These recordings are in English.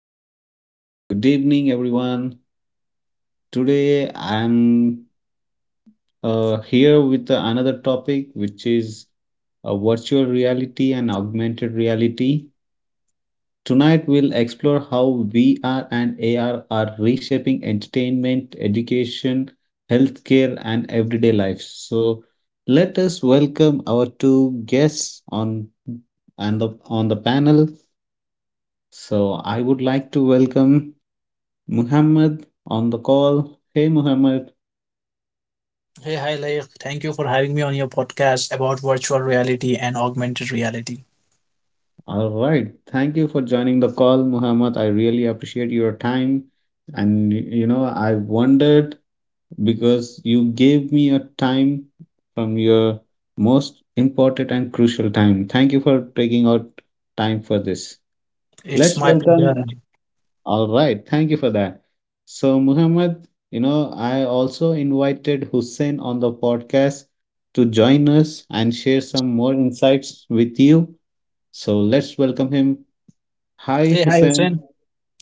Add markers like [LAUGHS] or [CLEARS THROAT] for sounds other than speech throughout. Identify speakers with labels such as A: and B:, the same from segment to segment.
A: audience. Good evening, everyone. Today I'm here with another topic, which is virtual reality and augmented reality. Tonight we'll explore how VR and AR are reshaping entertainment, education, healthcare, and everyday life. So let us welcome our two guests on and the on the panel. So I would like to welcome Muhammad on the call. Hey, Muhammad.
B: Hey, hi, Laik. Thank you for having me on your podcast about virtual reality and augmented reality.
A: All right. Thank you for joining the call, Muhammad. I really appreciate your time. And, you know, I wondered because you gave me a time from your most important and crucial time. Thank you for taking out time for this.
B: It's
A: Let's
B: my pleasure.
A: welcome. All right, thank you for that. So, Muhammad, you know, I also invited Hussein on the podcast to join us and share some more insights with you. So, let's welcome him. Hi,
B: Hey, hi, Hussein.
A: Hussein.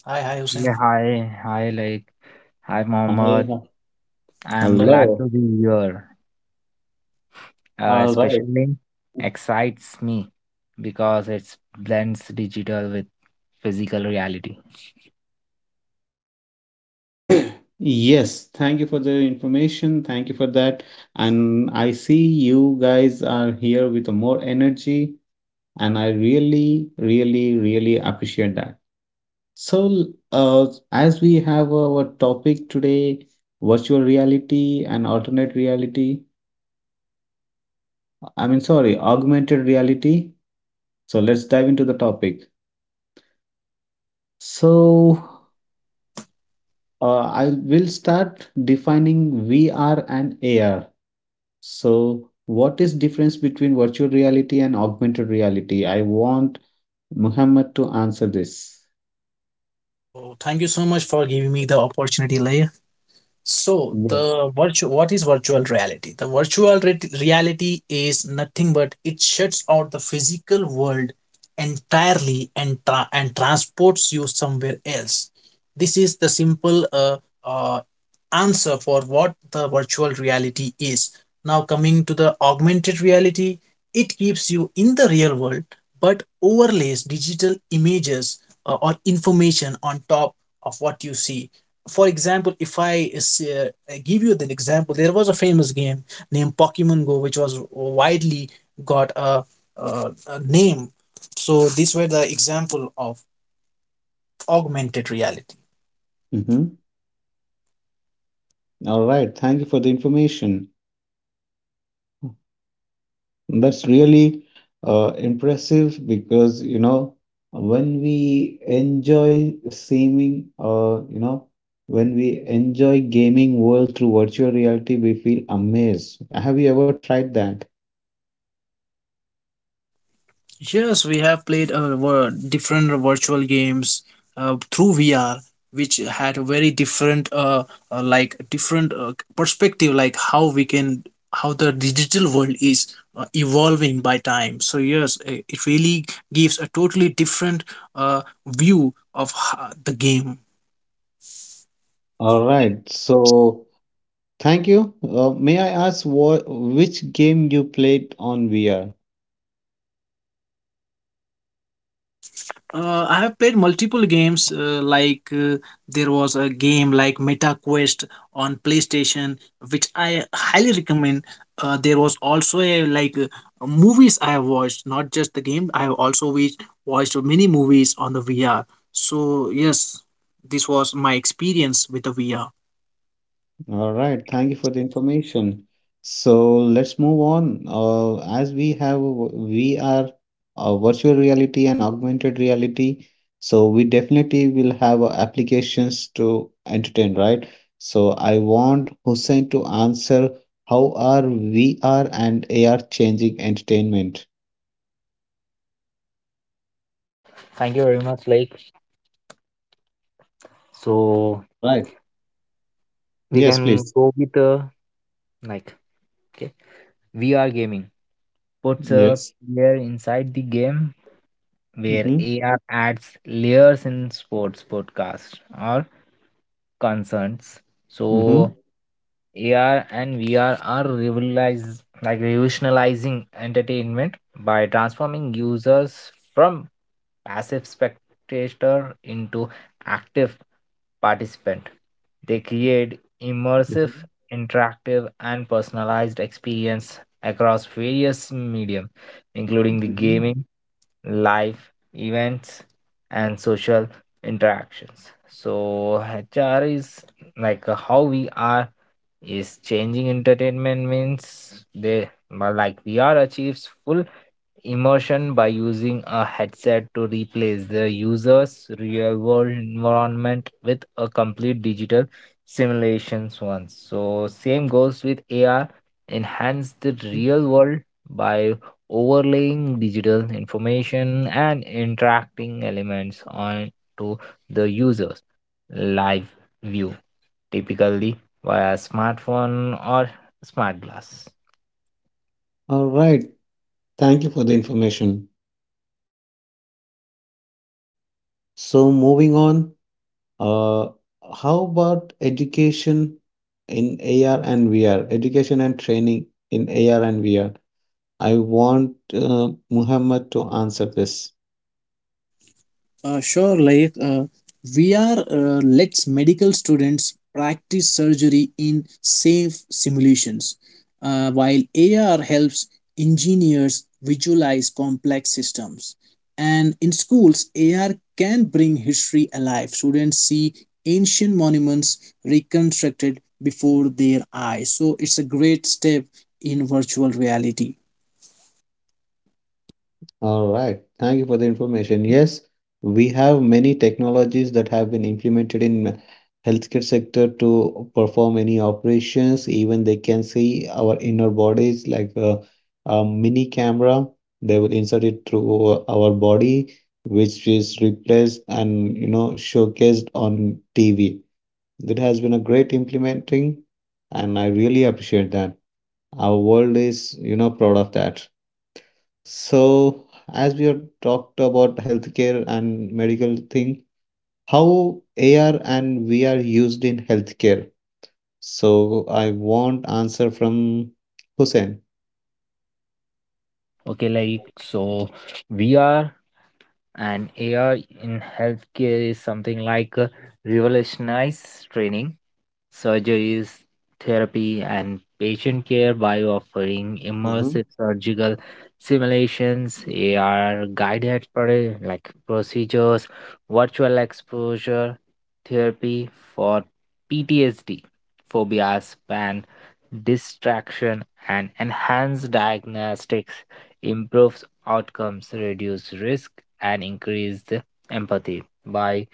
B: Hi, hi, Hussein.
C: Yeah, hi, hi, Mohammed.
A: Hi.
C: I'm
B: Hello.
C: glad
A: Hello.
C: to be here. Uh,
A: All right.
C: especially excites me because it blends digital with physical reality.
A: [CLEARS THROAT] Yes, thank you for the information. Thank you for that. And I see you guys are here with more energy, and I really, really, really appreciate that. So, uh, as we have our topic today, virtual reality and alternate reality, I mean, sorry, augmented reality. So, let's dive into the topic. So, I will start defining VR and AR. So, what is difference between virtual reality and augmented reality? I want Muhammad to answer this.
B: Oh, thank you so much for giving me the opportunity, Laik. So,
A: Yes.
B: the virtual what is virtual reality? The virtual reality is nothing but it shuts out the physical world entirely and transports you somewhere else. This is the simple uh, answer for what the virtual reality is. Now, coming to the augmented reality, it keeps you in the real world but overlays digital images or information on top of what you see. For example, if I uh, give you an example, there was a famous game named Pokemon Go, which was widely got a name. So, these were the example of augmented reality.
A: Mm-hmm. All right. Thank you for the information. That's really impressive because, you know, when we enjoy seeming, you know, when we enjoy gaming world through virtual reality, we feel amazed. Have you ever tried that?
B: Yes, we have played different virtual games through VR, which had a very different, like different perspective, like how we can, how the digital world is evolving by time. So yes, it really gives a totally different view of the game.
A: All right. So, thank you. May I ask what which game you played on VR?
B: I have played multiple games. There was a game like Meta Quest on PlayStation, which I highly recommend. There was also a like movies I have watched, not just the game. I have also watched many movies on the VR. So yes, this was my experience with the VR.
A: All right, thank you for the information. So let's move on. As we have, we are virtual reality and augmented reality. So we definitely will have applications to entertain, right? So I want Hussein to answer, how are VR and AR changing entertainment?
C: Thank you very much. So
A: All right.
C: we
A: Yes,
C: can
A: please.
C: go with like, okay, VR gaming. Puts a
A: Yes.
C: player inside the game where
A: Mm-hmm.
C: AR adds layers in sports podcast or concerns.
A: Mm-hmm.
C: So AR and VR are revolutionizing entertainment by transforming users from passive spectator into active participant. They create immersive,
A: Mm-hmm.
C: interactive, and personalized experience across various medium, including the
A: Mm-hmm.
C: gaming, live events, and social interactions. So HR is like how we are is changing entertainment means they well, like VR achieves full immersion by using a headset to replace the user's real world environment with a complete digital simulations one. So same goes with AR enhance the real world by overlaying digital information and interacting elements on to the users live view typically via smartphone or smart glass.
A: All right. Thank you for the information. So moving on. Uh, how about education in AR and VR? Education and training in AR and VR. I want Muhammad to answer this.
B: Sure, we are lets medical students practice surgery in safe simulations, while AR helps engineers visualize complex systems. And in schools, AR can bring history alive. Students see ancient monuments reconstructed before their eyes. So it's a great step in virtual reality.
A: All right. Thank you for the information. Yes, we have many technologies that have been implemented in healthcare sector to perform any operations. Even they can see our inner bodies like a mini camera. They will insert it through our body, which is replaced and you know showcased on TV. That has been a great implementing, and I really appreciate that. Our world is you know proud of that. So, as we have talked about healthcare and medical thing, how AR and VR used in healthcare? So, I want answer from Hussein.
C: So VR and AR in healthcare is something revolutionize training surgeries, therapy, and patient care by offering
A: Mhm.
C: immersive surgical simulations, AR guided procedures, virtual exposure therapy for PTSD, phobias, and distraction, and enhanced diagnostics improves outcomes, reduce risk, and increase the empathy by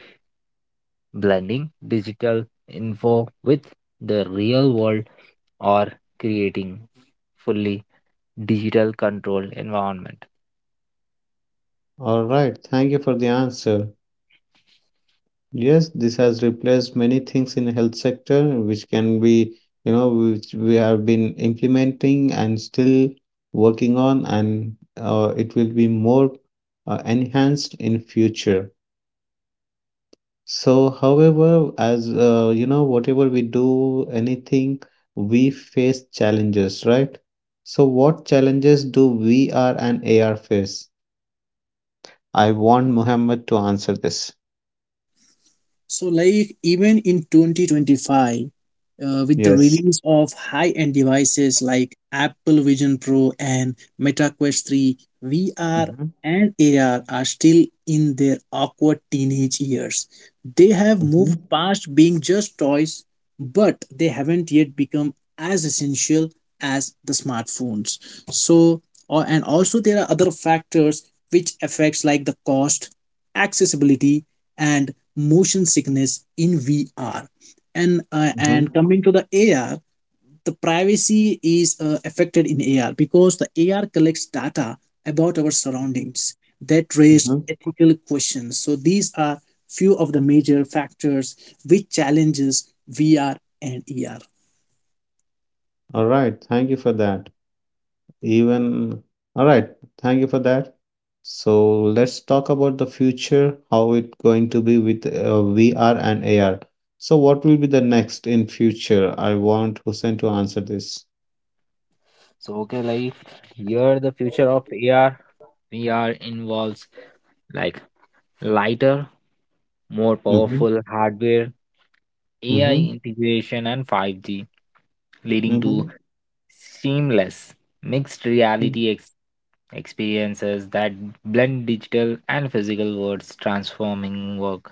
C: blending digital info with the real world or creating fully digital controlled environment.
A: All right, thank you for the answer. Yes, this has replaced many things in health sector, which can be, you know, which we have been implementing and still working on, and it will be more enhanced in future. So, however, as you know, whatever we do, anything, we face challenges, right? So, what challenges do VR and AR face? I want Muhammad to answer this.
B: So, like even in 2025, with the
A: Yes.
B: release of high-end devices like Apple Vision Pro and Meta Quest 3, VR
A: Mhm.
B: and AR are still in their awkward teenage years. They have moved
A: Mhm.
B: past being just toys, but they haven't yet become as essential as the smartphones. So, or, and also there are other factors which affects like the cost, accessibility and motion sickness in VR. And
A: Mhm.
B: coming to the AR, the privacy is affected in AR because the AR collects data about our
A: Mhm.
B: surroundings that raise
A: Mhm.
B: ethical questions. So these are few of the major factors which challenges VR and AR.
A: All right, thank you for that. Even all right, thank you for that. So let's talk about the future, how it going to be with VR and AR. So what will be the next in future? I want Hussein to answer this.
C: So here the future of AR VR involves like lighter, more
A: Mm-hmm.
C: powerful hardware, AI
A: Mm-hmm.
C: integration and 5G leading
A: Mm-hmm.
C: to seamless mixed reality experiences that blend digital and physical worlds, transforming work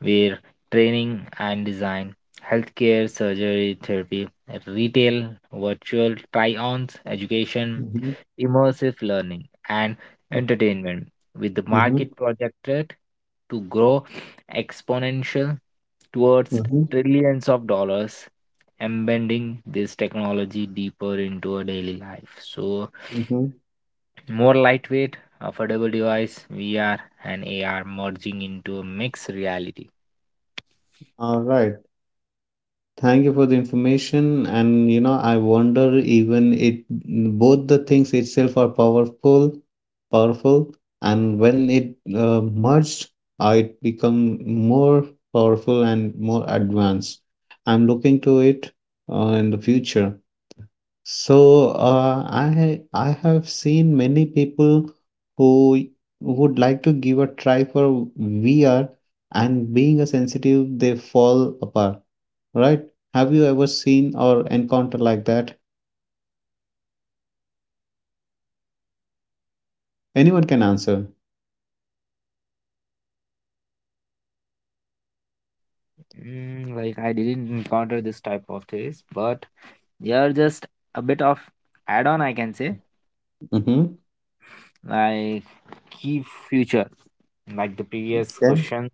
C: where training and design, healthcare, surgery, therapy, retail, virtual try-ons, education,
A: Mm-hmm.
C: immersive learning, and
A: Mm-hmm.
C: entertainment, with the
A: Mm-hmm.
C: market projected to grow exponential towards
A: Mm-hmm.
C: trillions of dollars embedding this technology deeper into our daily life. So,
A: Mm-hmm.
C: more lightweight, affordable device, VR and AR merging into a mixed reality.
A: All right. Thank you for the information. And you know, I wonder even it both the things itself are powerful, and when it merged, it become more powerful and more advanced. I'm looking to it in the future. So, I have seen many people who would like to give a try for VR and being a sensitive, they fall apart, right? Have you ever seen or encountered like that? Anyone can answer.
C: Mm, like I didn't encounter this type of things, but they are just a bit of add-on, I can say.
A: Mm-hmm.
C: Like key future, like the previous
A: Okay.
C: question,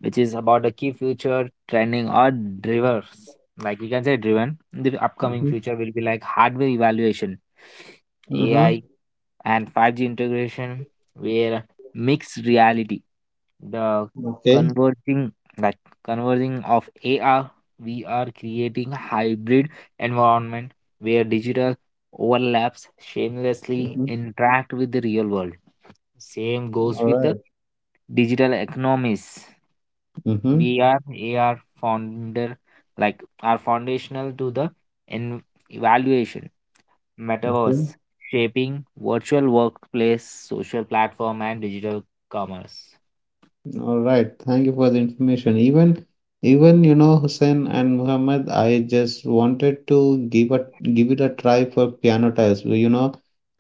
C: which is about the key future trending or drivers. Like we can say driven. The upcoming
A: Mm-hmm.
C: future will be like hardware evaluation,
A: Mm-hmm.
C: AI and 5G integration, where mixed reality, the
A: Okay.
C: converging like converging of AR, we are creating hybrid environment where digital overlaps shamelessly
A: Mm-hmm.
C: interact with the real world. Same goes with the
A: All
C: digital economies.
A: right. Mm-hmm.
C: We are AR founder like are foundational to the en- evaluation metaverse shaping virtual workplace, social platform, and digital commerce.
A: All right, thank you for the information. Even you know Hussein and Muhammad, I just wanted to give it a try for piano tiles. Well, you know,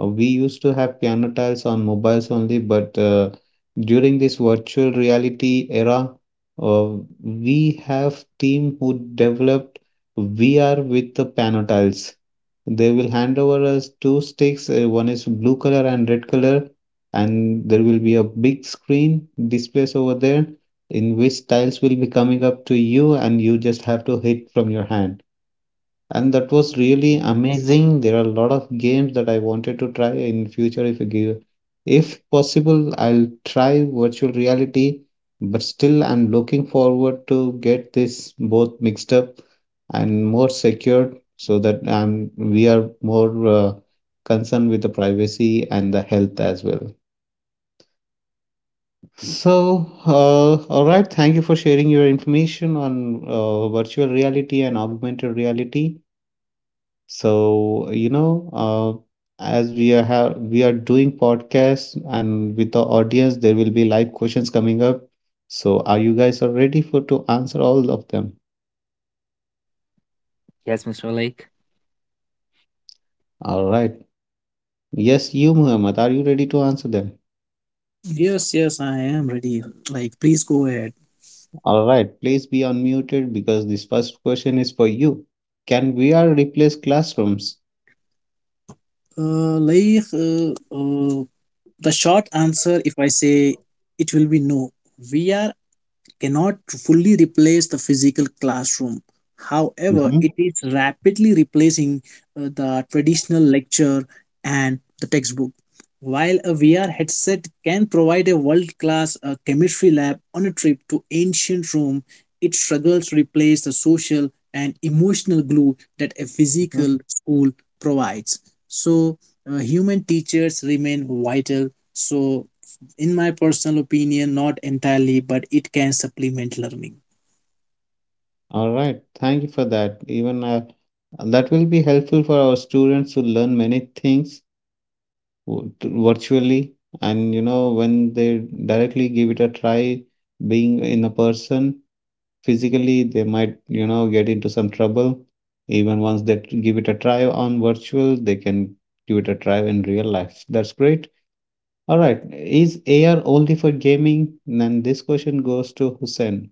A: we used to have piano tiles on mobiles only, but during this virtual reality era, uh, we have team who developed VR with the piano tiles. They will hand over us two sticks. One is blue color and red color, and there will be a big screen displays over there in which tiles will be coming up to you and you just have to hit from your hand, and that was really amazing. There are a lot of games that I wanted to try in future. If you give, if possible, I'll try virtual reality, but still I'm looking forward to get this both mixed up and more secured so that we are more concerned with the privacy and the health as well. So, all right. Thank you for sharing your information on virtual reality and augmented reality. So, you know, as we are have we are doing podcasts and with the audience, there will be live questions coming up. So, are you guys are ready for to answer all of them?
C: Yes, Mr. Lake.
A: All right. Yes, you, Muhammad, are you ready to answer them?
B: Yes, yes, I am ready. Like, please go ahead.
A: All right. Please be unmuted because this first question is for you. Can VR replace classrooms?
B: Uh, like, uh, uh, The short answer, if I say it will be no, we are cannot fully replace the physical classroom. However,
A: Mhm.
B: it is rapidly replacing the traditional lecture and the textbook. While a VR headset can provide a world class chemistry lab on a trip to ancient Rome, it struggles to replace the social and emotional glue that a physical school provides. So, human teachers remain vital. So, in my personal opinion not entirely but it can supplement learning.
A: All right, thank you for that. Even that will be helpful for our students to learn many things virtually, and you know, when they directly give it a try, being in a person physically, they might, you know, get into some trouble. Even once they give it a try on virtual, they can give it a try in real life. That's great. All right, is AR only for gaming? Then this question goes to Hussein.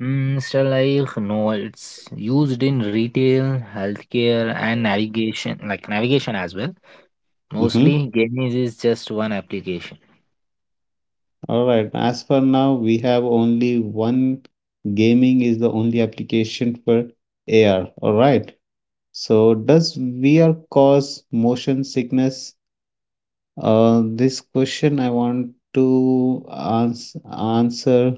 C: Mm, Mr. Lake, no, it's used in retail, healthcare, and navigation, like navigation as well. Mostly, gaming is just one application.
A: All right. As for now, we have only one, gaming is the only application for AR. All right. So does VR cause motion sickness? This question I want to answer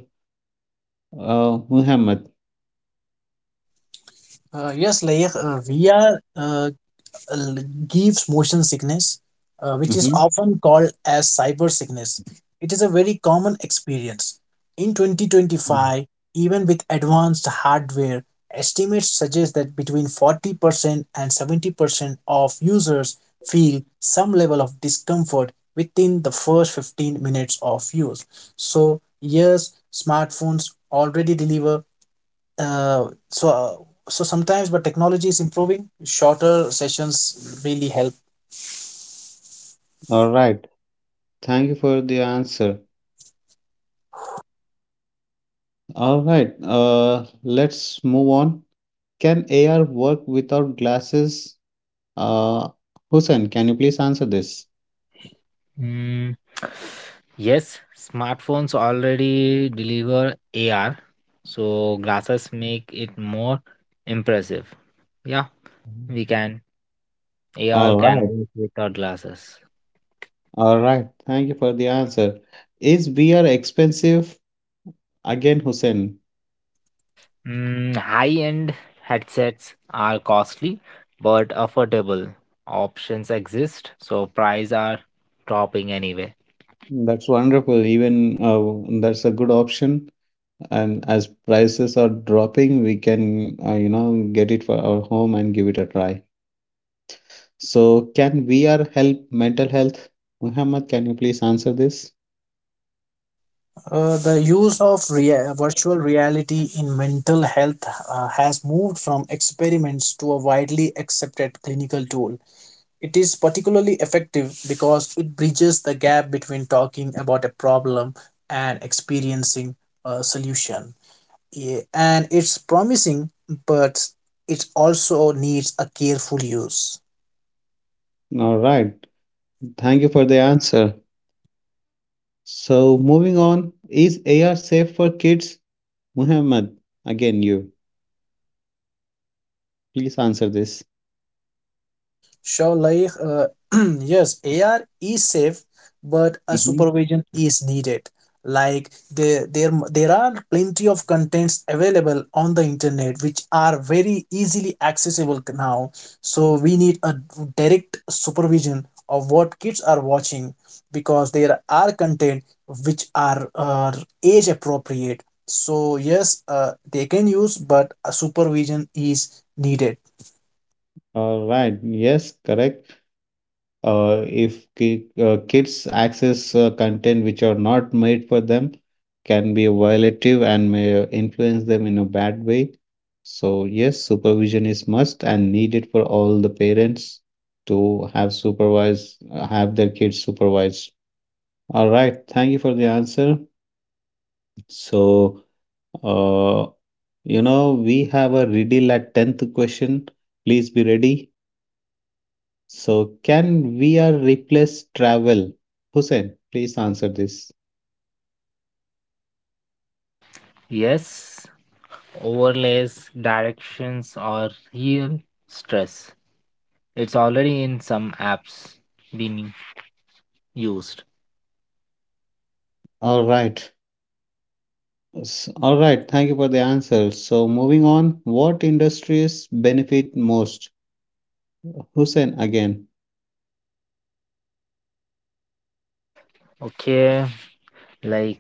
A: Muhammad.
B: Yes, we are gives motion sickness, which is
A: Mhm.
B: often called as cyber sickness. It is a very common experience. In 2025, even with advanced hardware, estimates suggest that between 40% and 70% of users feel some level of discomfort within the first 15 minutes of use. So, yes, smartphones already deliver uh, so uh, so sometimes but technology is improving shorter sessions really help.
A: All right. Thank you for the answer. All right. Let's move on. Can AR work without glasses? Uh, Hussein, can you please answer this?
C: Mm, yes, smartphones already deliver AR, so glasses make it more impressive. Yeah, we can. AR
A: All
C: can
A: right.
C: work without glasses.
A: All right. Thank you for the answer. Is beer expensive? Again, Hussein.
C: Mm, high-end headsets are costly but affordable. Options exist, so prices are dropping anyway.
A: That's wonderful. Even that's a good option. And as prices are dropping, we can, you know, get it for our home and give it a try. So, can VR help mental health? Muhammad, can you please answer this?
B: The use of virtual reality in mental health has moved from experiments to a widely accepted clinical tool. It is particularly effective because it bridges the gap between talking about a problem and experiencing a solution. Yeah, and it's promising but it also needs a careful use.
A: All right. Thank you for the answer. So, moving on, is AR safe for kids? Muhammad, again, you please answer this.
B: Sure, [CLEARS THROAT] yes, AR is safe, but a
A: Mm-hmm.
B: supervision is needed. Like there are plenty of contents available on the internet which are very easily accessible now. So we need a direct supervision of what kids are watching because there are content which are age appropriate. So yes, they can use, but a supervision is needed.
A: All right. Yes, correct. If ki kids access content which are not made for them, can be violative and may influence them in a bad way. So yes, supervision is must and needed for all the parents to have supervise have their kids supervised. All right. Thank you for the answer. So, uh, you know, we have a riddle at tenth question. Please be ready. So can VR replace travel? Hussein, please answer this.
C: Yes, overlays, directions or real stress. It's already in some apps being used.
A: All right. All right. Thank you for the answer. So moving on, what industries benefit most? Hussein again.
C: Okay, like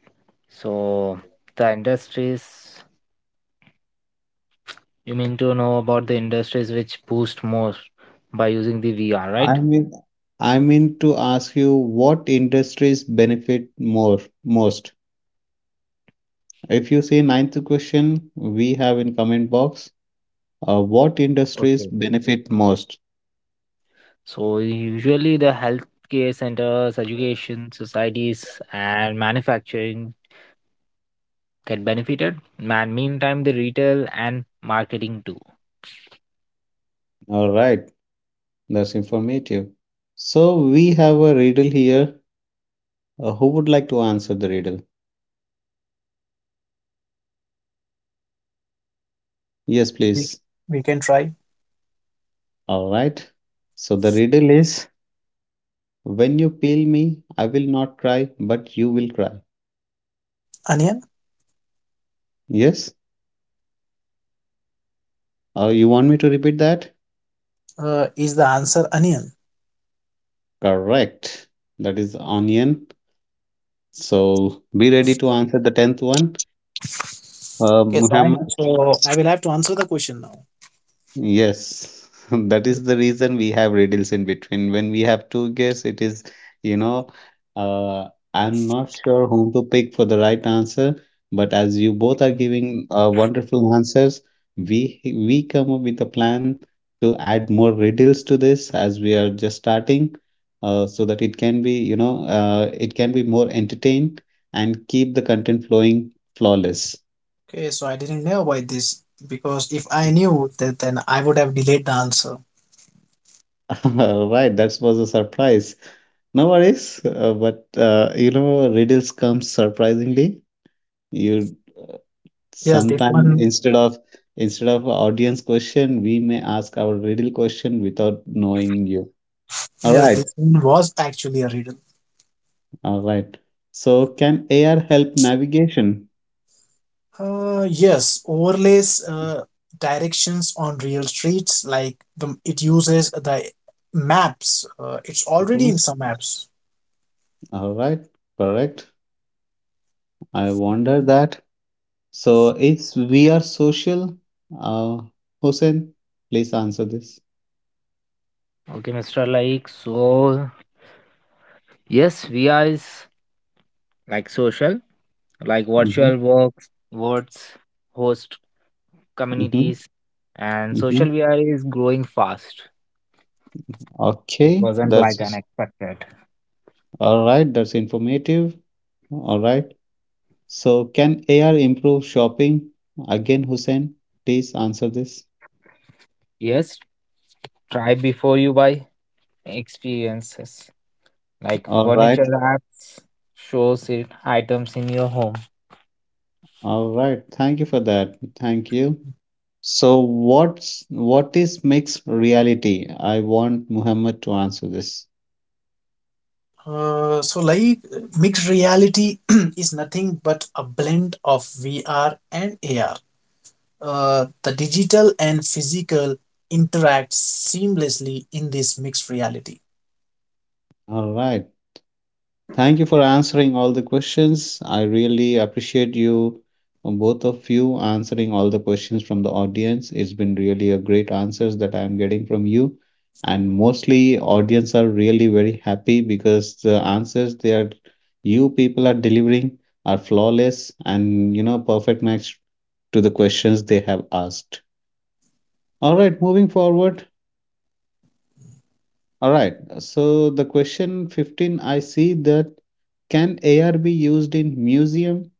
C: so the industries you mean to know about the industries which boost more by using the VR,
A: I
C: right?
A: mean, I mean to ask you what industries benefit more most. If you see ninth question, we have in comment box. What industries
C: Okay.
A: benefit most?
C: So usually the healthcare centers, education, societies and manufacturing get benefited. Man, meantime the retail and marketing too.
A: All right. That's informative. So we have a riddle here. Who would like to answer the riddle? Yes,
B: We,
A: please.
B: we can try.
A: All right. So the riddle is, when you peel me, I will not cry, but you will cry.
B: Onion.
A: Yes? You want me to repeat that?
B: Is the answer onion?
A: Correct. That is onion. So be ready to answer the 10th one.
B: Okay, so I
A: Muhammad.
B: so I will have to answer the question now.
A: Yes, [LAUGHS] that is the reason we have riddles in between. When we have to guess, it is, you know, uh, I'm not sure whom to pick for the right answer, but as you both are giving wonderful answers, we come up with a plan to add more riddles to this as we are just starting, so that it can be, you know, it can be more entertained and keep the content flowing flawless.
B: Okay, so I didn't know about this because if I knew that, then I would have delayed the answer.
A: [LAUGHS] Right, that was a surprise. No worries, but you know, riddles come surprisingly. You,
B: Yes, this
A: sometime
B: one.
A: instead of audience question, we may ask our riddle question without knowing you. All
B: Yes,
A: right,
B: this one was actually a riddle.
A: all right. So, can AR help navigation?
B: Yes, overlays directions on real streets like the it uses the maps. It's already in
A: Mhm.
B: some apps.
A: All right, correct. I wonder that. So, is we are social? Uh, Hussein, please answer this.
C: Okay, Mr. Like so yes, VR is like social, like
A: Mm-hmm.
C: words, host
A: Mm-hmm.
C: communities, and
A: Mm-hmm.
C: social VR is growing fast. It
A: Okay,
C: wasn't like
A: that's
C: unexpected.
A: all right. That's informative. All right. So, can AR improve shopping? Again, Hussein, please answer this.
C: Yes, try before you buy experiences like
A: All right.
C: furniture apps, shows it items in your home.
A: All right. Thank you for that. Thank you. So, what's what is mixed reality? I want Muhammad to answer this.
B: Uh, so like Mixed reality [CLEARS THROAT] is nothing but a blend of VR and AR. The digital and physical interact seamlessly in this mixed reality.
A: All right. Thank you for answering all the questions. I really appreciate you, both of you, answering all the questions from the audience. It's been really a great answers that I'm getting from you. And mostly audience are really very happy because the answers they are you people are delivering are flawless and you know perfect match to the questions they have asked. All right, moving forward. All right, so the question 15 I see that can AR be used in museum.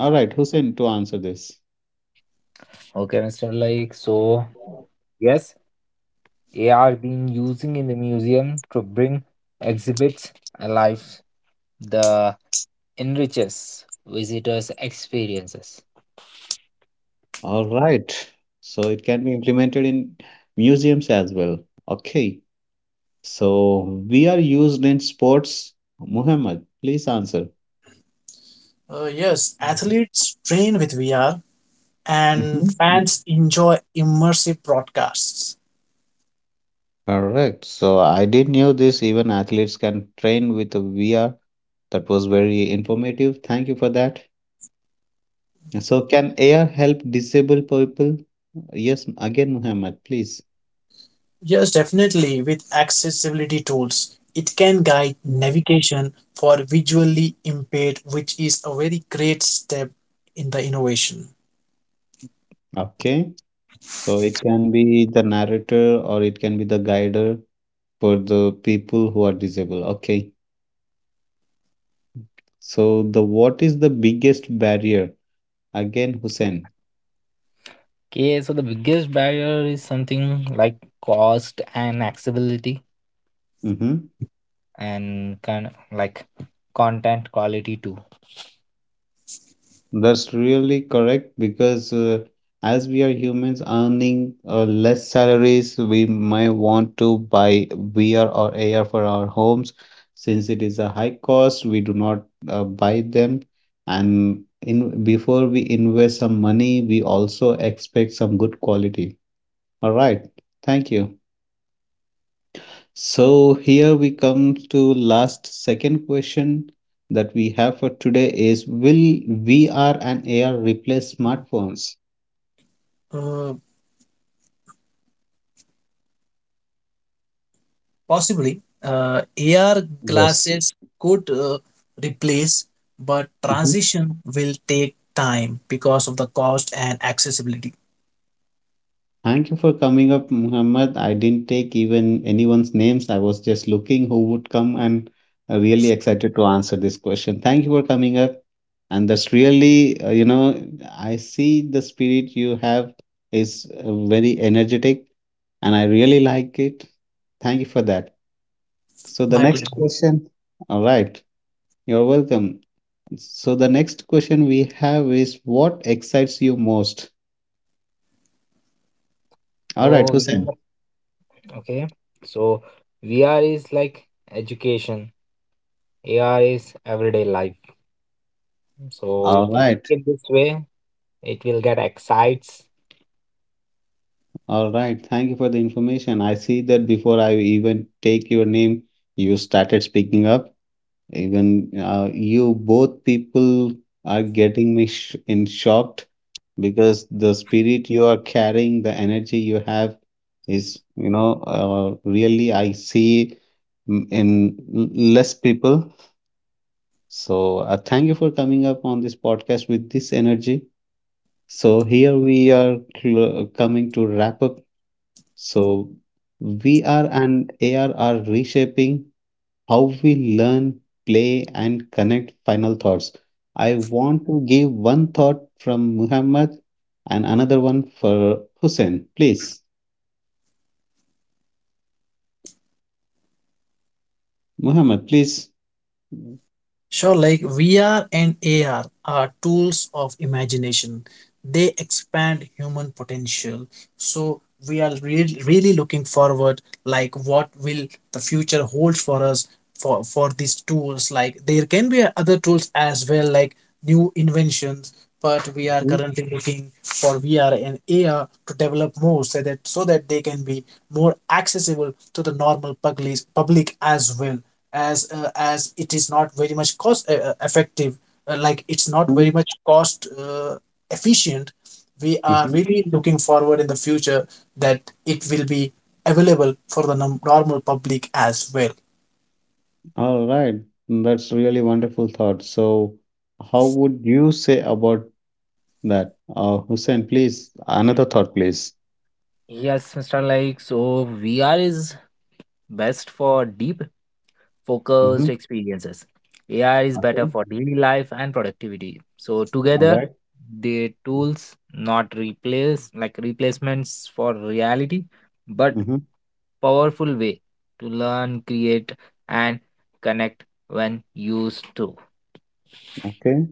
A: All right, Hussein, to answer this.
C: Okay, Mr. Like so. Yes, AR being using in the museum to bring exhibits alive. The enriches visitors' experiences.
A: All right. So it can be implemented in museums as well. Okay. So we are used in sports. Muhammad, please answer.
B: Yes, athletes train with VR and
A: Mhm.
B: fans enjoy immersive broadcasts.
A: Correct. So I did knew this. Even athletes can train with a VR. That was very informative. Thank you for that. So can AR help disabled people? Yes, again, Muhammad, please.
B: Yes, definitely, with accessibility tools, it can guide navigation for visually impaired, which is a very great step in the innovation.
A: Okay. So it can be the narrator or it can be the guider for the people who are disabled. Okay. So the what is the biggest barrier? Again, Hussein.
C: Okay, so the biggest barrier is something like cost and accessibility
A: Hmm.
C: and kind of like content quality too.
A: That's really correct because as we are humans earning less salaries, we might want to buy VR or AR for our homes. Since it is a high cost, we do not buy them. And in before we invest some money, we also expect some good quality. All right. Thank you. So here we come to last second question that we have for today is will VR and AR replace smartphones?
B: Uh, Possibly, AR
A: Yes.
B: glasses could replace, but
A: Mhm.
B: transition will take time because of the cost and accessibility.
A: Thank you for coming up, Muhammad. I didn't take even anyone's names. I was just looking who would come and really excited to answer this question. Thank you for coming up. And that's really, you know, I see the spirit you have is very energetic and I really like it. Thank you for that. So the
B: My
A: next
B: pleasure.
A: question, all right, you're welcome. So the next question we have is what excites you most? All right,
C: Oh,
A: Hussein.
C: okay. So VR is like education, AR is everyday life. So
A: All
C: if you
A: right,
C: think it this way, it will get excites.
A: all right. Thank you for the information. I see that before I even take your name, you started speaking up. Even you both people are getting me sh in shocked because the spirit you are carrying, the energy you have is, you know, really I see less people. So thank you for coming up on this podcast with this energy. So here we are cl coming to wrap up. So VR and AR are reshaping how we learn, play, and connect final thoughts. I want to give one thought from Muhammad and another one for Hussein. Please, Muhammad, please.
B: Sure, like VR and AR are tools of imagination. They expand human potential. So we are really, really looking forward, like what will the future hold for us for these tools? Like there can be other tools as well, like new inventions. But we are
A: Mhm,
B: currently looking for VR and AR to develop more, so that they can be more accessible to the normal public as well as it is not very much cost effective, it's not very
A: mhm,
B: much cost efficient. We are
A: mhm.
B: really looking forward in the future that it will be available for the normal public as well.
A: All right, that's really wonderful thought. So, how would you say about that? Hussein, please, another thought, please.
C: Yes, Mr. Like, so VR is best for deep,
A: Mm-hmm.
C: focused experiences. AI is better
A: Okay.
C: for daily life and productivity. So
A: All
C: together,
A: right.
C: they tools not replace like replacements for reality, but
A: Mm-hmm.
C: powerful way to learn, create, and connect when used to.
A: Okay.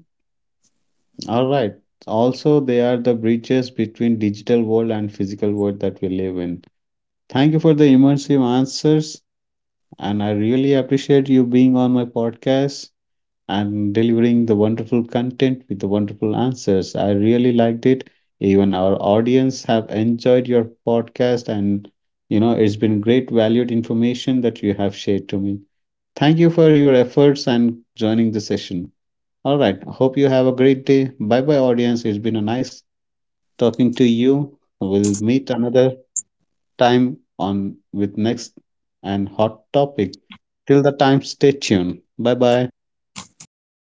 A: All right. Also, they are the bridges between digital world and physical world that we live in. Thank you for the immersive answers, and I really appreciate you being on my podcast and delivering the wonderful content with the wonderful answers. I really liked it. Even our audience have enjoyed your podcast, and you know it's been great valued information that you have shared to me. Thank you for your efforts and joining the session. All right, hope you have a great day. Bye bye, audience. It's been a nice talking to you. We'll meet another time on with next and hot topic. Till the time, stay tuned. Bye bye.